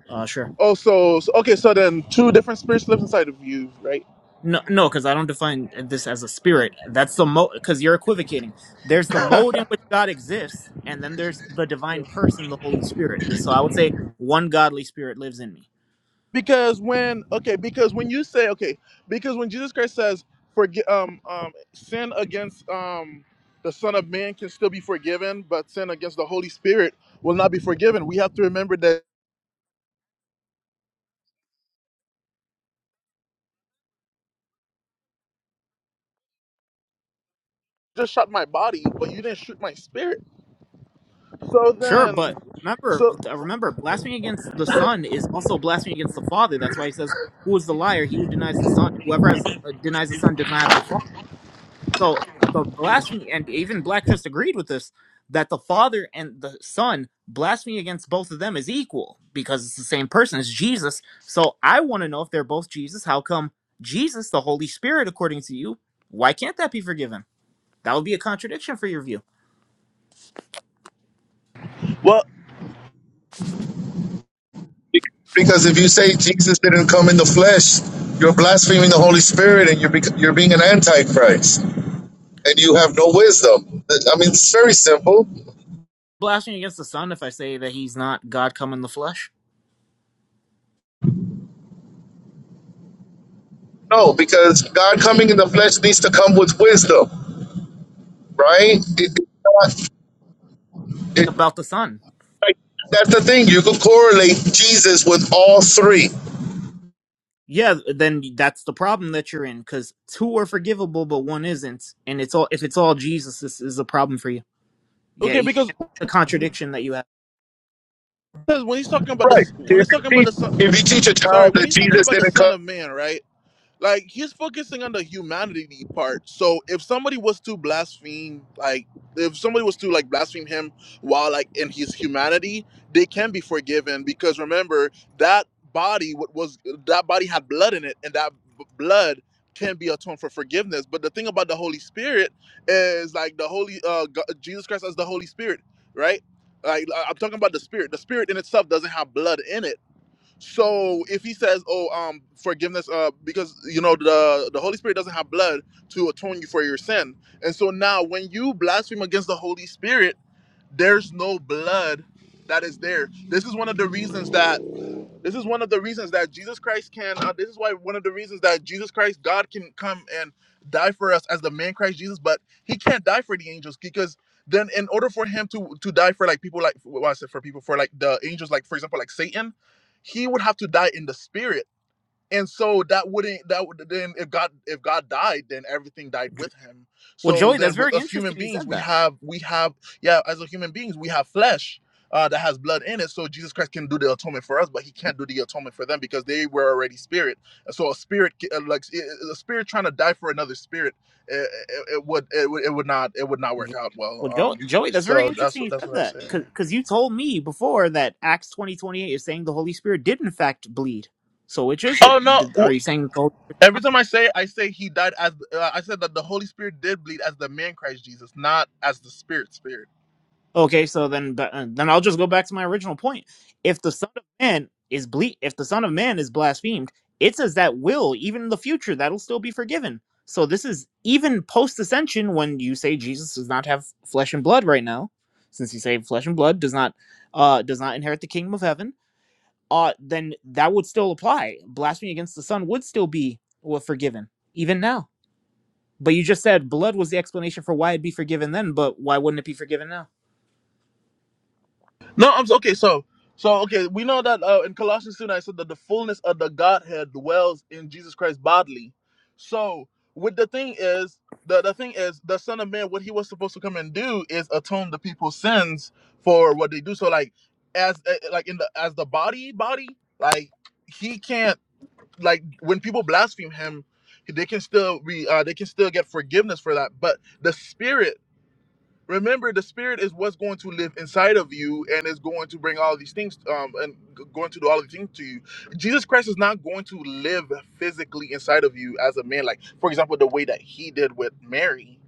S4: Uh, sure.
S1: Oh, so, so okay, so then two different spirits live inside of you, right?
S4: No, no, because I don't define this as a spirit. That's the mode. Because you're equivocating. There's the mode in which God exists, and then there's the divine person, the Holy Spirit. This- So I would say one godly spirit lives in me.
S1: Because when okay, because when you say okay, because when Jesus Christ says "Forgive, um um sin against um the Son of Man can still be forgiven, but sin against the Holy Spirit will not be forgiven. We have to remember that you just shot my body, but you didn't shoot my spirit. So
S4: Sure,
S1: then,
S4: but remember,
S1: so
S4: remember, blasphemy against the Son is also blasphemy against the Father. That's why he says, "Who is the liar? He who denies the Son. Whoever has, uh, denies the Son does not have the Father." So the blasphemy, and even Black just agreed with this, that the Father and the Son blasphemy against both of them is equal because it's the same person as Jesus. So I want to know if they're both Jesus. How come Jesus, the Holy Spirit, according to you, why can't that be forgiven? That would be a contradiction for your view.
S1: well,
S3: Because if you say Jesus didn't come in the flesh, you're blaspheming the Holy Spirit and you're, bec- you're being an antichrist and you have no wisdom. I mean, it's very simple.
S4: Blasphemy against the Son if I say that he's not God come in the flesh.
S3: No, because God coming in the flesh needs to come with wisdom, right? It, it's not,
S4: Think
S3: it,
S4: about the Son.
S3: like, that's the thing. You could correlate Jesus with all three.
S4: Yeah, then that's the problem that you're in because two are forgivable, but one isn't, and it's all if it's all Jesus, this is a problem for you. Yeah,
S1: okay,
S4: you
S1: because
S4: can't, the contradiction that you have.
S1: because when he's talking about the
S3: Right.
S1: when
S3: If
S1: he's
S3: you
S1: talking about
S3: teach,
S1: the son,
S3: if you teach a
S1: sorry,
S3: child
S1: when
S3: that
S1: he's talking
S3: Jesus
S1: about the
S3: didn't
S1: Son
S3: come,
S1: of Man, right? like he's focusing on the humanity part. So if somebody was to blaspheme, like if somebody was to like blaspheme him while like in his humanity, they can be forgiven because remember that body wa- was that body had blood in it, and that b- blood can be atoned for forgiveness. But the thing about the Holy Spirit is like the Holy uh, Go- Jesus Christ as the Holy Spirit, right? Like I- I'm talking about the Spirit. The Spirit in itself doesn't have blood in it so if he says, "Oh, um, forgiveness," uh, because you know the the Holy Spirit doesn't have blood to atone you for your sin, and so now when you blaspheme against the Holy Spirit, there's no blood that is there. This is one of the reasons that this is one of the reasons that Jesus Christ can. Uh, this is why one of the reasons that Jesus Christ, God, can come and die for us as the man Christ Jesus, but He can't die for the angels because then, in order for Him to to die for like people like well, I said for people for like the angels, like for example, like Satan, He would have to die in the spirit and so that wouldn't that would then if god if god died then everything died with him
S4: Well,
S1: so
S4: Joey,
S1: then
S4: that's
S1: with
S4: very
S1: us human
S4: interesting. You
S1: beings
S4: said
S1: we
S4: that.
S1: have we have yeah as a human beings we have flesh uh, that has blood in it so jesus christ can do the atonement for us but he can't do the atonement for them because they were already spirit And so a spirit uh, like a spirit trying to die for another spirit it, it, it would it would it would not it would not
S4: Well,
S1: work
S4: Jo-
S1: out well
S4: well, Joey,
S1: um
S4: Joey, that's very
S1: so that's
S4: interesting.
S1: what
S4: You
S1: that's
S4: said
S1: what i'm
S4: that
S1: saying
S4: because you told me before that Acts twenty twenty eight is saying the Holy Spirit did in fact bleed. So which is it?
S1: Oh
S4: Did,
S1: no!
S4: are you saying the Holy Spirit?
S1: Every time I say it, I say he died as uh, I said that the Holy Spirit did bleed as the man Christ Jesus, not as the spirit spirit.
S4: Okay, so then but, uh, then I'll just go back to my original point. If the Son of Man is ble- if the Son of Man is blasphemed, it says that will even in the future that'll still be forgiven. So this is even post ascension when you say Jesus does not have flesh and blood right now, since you say flesh and blood does not uh does not inherit the kingdom of heaven. Uh then that would still apply. Blasphemy against the Son would still be well, forgiven even now. But you just said blood was the explanation for why it'd be forgiven then, but why wouldn't it be forgiven now?
S1: No, I'm s- okay. So so okay, we know that uh, in Colossians 2 I said that the fullness of the Godhead dwells in Jesus Christ bodily. So with the thing is the, the thing is the Son of Man, what he was supposed to come and do is atone the people's sins for what they do. So like as uh, like in the as the body body like he can't like when people blaspheme him they can still be uh, they can still get forgiveness for that but the spirit remember the spirit is what's going to live inside of you and is going to bring all these things um and g- going to do all these things to you jesus christ is not going to live physically inside of you as a man like for example the way that he did with mary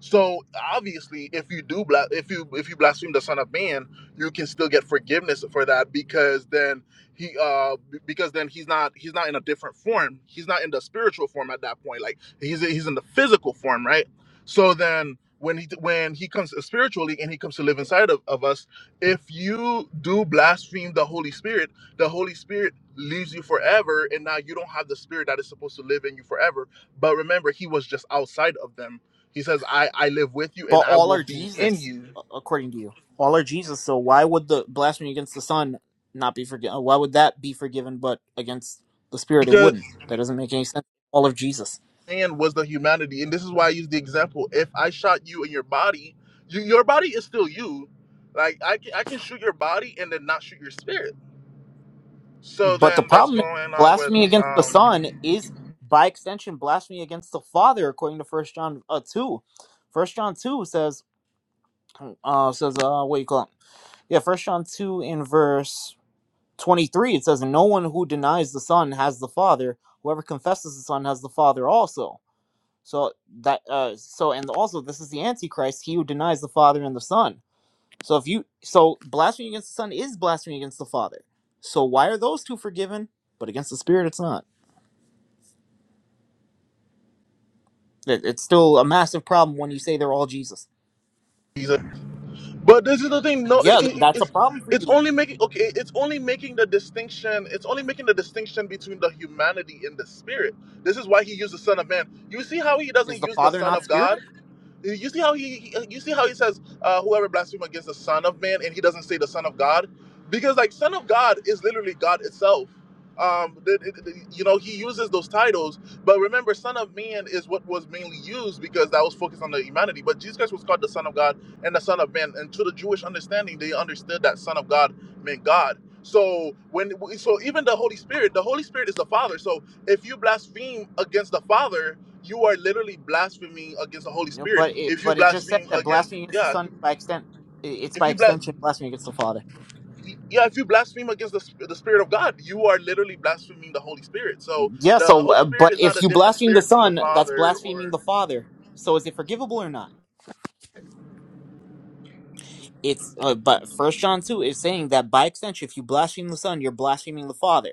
S1: so obviously if you do bla- if you if you blaspheme the son of man you can still get forgiveness for that because then he uh b- because then he's not he's not in a different form he's not in the spiritual form at that point like he's he's in the physical form right so then when he when he comes uh, spiritually and he comes to live inside of, of us, if you do blaspheme the Holy Spirit, the Holy Spirit leaves you forever and now you don't have the spirit that is supposed to live in you forever. But remember, he was just outside of them. He says, I, I live with you and
S4: But
S1: I
S4: all
S1: will
S4: are
S1: be in
S4: Jesus,
S1: you.
S4: a- according to you. All are Jesus. So why would the blasphemy against the Son not be forgiven? Why would that be forgiven, but against the Spirit it
S1: Because
S4: wouldn't? That doesn't make any sense. All of Jesus.
S1: man was the humanity. And this is why I use the example. If I shot you in your body, you, your body is still you. Like I can, I can shoot your body and then not shoot your spirit So
S4: But
S1: then
S4: the
S1: that's
S4: problem is,
S1: going on with
S4: blasphemy against the
S1: um
S4: Son is, by extension, blasphemy against the Father, according to First John uh, two. First John two says, uh, says uh, what do you call it? Yeah, First John two in verse twenty three. It says, "No one who denies the Son has the Father. Whoever confesses the Son has the Father also." So that uh so and also this is the antichrist, he who denies the Father and the Son. So if you so blasphemy against the Son is blasphemy against the Father. So why are those two forgiven, but against the Spirit it's not? It, it's still a massive problem when you say they're all Jesus.
S1: Jesus. But this is the thing. No,
S4: Yeah,
S1: it,
S4: th-
S1: it,
S4: that's a
S1: it's
S4: problem for
S1: it's
S4: you.
S1: only making okay. It's only making the distinction. It's only making the distinction between the humanity and the spirit. This is why he used the Son of Man. You see how he
S4: Is
S1: doesn't
S4: the
S1: use the
S4: Father
S1: Son
S4: not
S1: of
S4: Spirit?
S1: God. You see how he, he- you see how he says, uh, "Whoever blasphemes against the Son of Man," and he doesn't say the Son of God, because like Son of God is literally God itself. Um, th- th- th- you know, he uses those titles, but remember, Son of Man is what was mainly used because that was focused on the humanity. But Jesus Christ was called the Son of God and the Son of Man, and to the Jewish understanding, they understood that Son of God meant God. So when so even the Holy Spirit, the Holy Spirit is the Father. So if you blaspheme against the Father, you are literally blaspheming against the Holy
S4: No,
S1: Spirit.
S4: but it
S1: If you
S4: but it just said
S1: blaspheme
S4: that
S1: against,
S4: blasphemy against the
S1: yeah, if
S4: Son is
S1: you,
S4: by extent i- it's
S1: if
S4: by
S1: you blas,
S4: extension blasphemy against the Father.
S1: yeah, if you blaspheme against the, sp- the Spirit of God, you are literally blaspheming the Holy Spirit. So
S4: Yeah,
S1: the
S4: so
S1: Holy
S4: uh,
S1: Spirit
S4: but
S1: is not a
S4: if you
S1: different
S4: blaspheme the
S1: spirit from the
S4: Son, that's
S1: Father,
S4: blaspheming
S1: or
S4: the Father. So is it forgivable or not? it's uh, but first john 2 is saying that by extension if you blaspheme the son you're blaspheming the father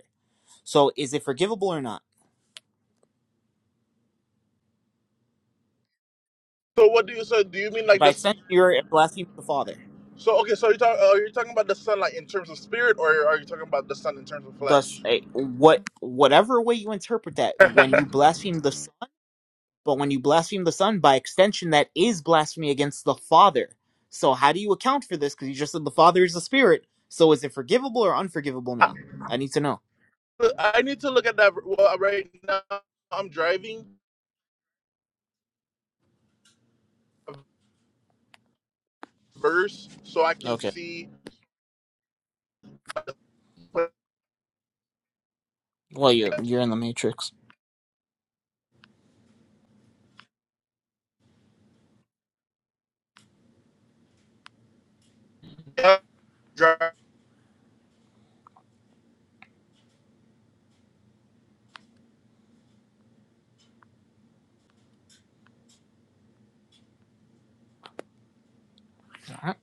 S4: so is it forgivable or not
S1: so. What do you so do you mean like
S4: by
S1: the? s-
S4: extension you're blaspheming the father
S1: So okay, so you talk, are you talking about the Son like in terms of spirit, or are you talking about the Son in terms of
S4: thus
S1: flesh?
S4: eh, what whatever way you interpret that when you blaspheme the son but when you blaspheme the son by extension that is blasphemy against the father so how do you account for this because you just said the father is a spirit so is it forgivable or unforgivable
S1: I,
S4: now i need to know
S1: I need to look at that. Well, right now I'm driving a verse so I can
S4: okay
S1: see.
S4: well you you're in the matrix
S1: I
S4: All right.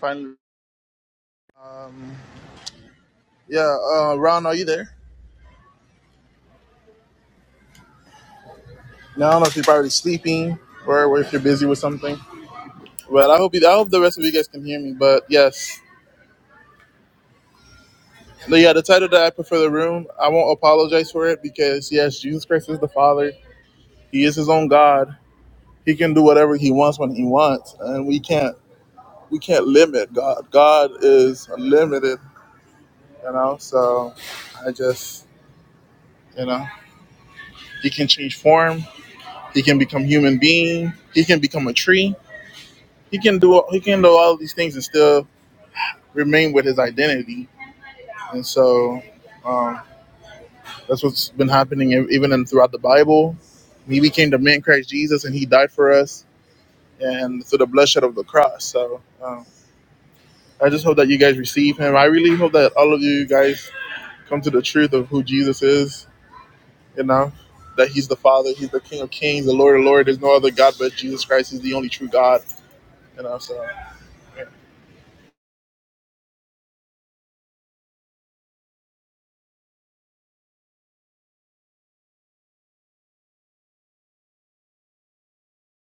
S1: finally Um, yeah, uh, Ron, are you there? Now I don't know if you're probably sleeping or, or if you're busy with something. But I hope you, I hope the rest of you guys can hear me. But yes, but yeah, the title that I put for the room, I won't apologize for it because yes, Jesus Christ is the Father. He is His own God. He can do whatever He wants when He wants, and we can't we can't limit God. God is unlimited, you know. So I just you know He can change form. He can become human being. He can become a tree he can do he can do all these things and still remain with his identity. And so um, that's what's been happening e-, even in, throughout the Bible. He became the man Christ Jesus, and he died for us, and through the bloodshed of the cross. So um, I just hope that you guys receive him. I really hope that all of you guys come to the truth of who Jesus is. You know that he's the Father, he's the King of Kings, the Lord of Lords. There's no other God but Jesus Christ. He's the only true God. You know, so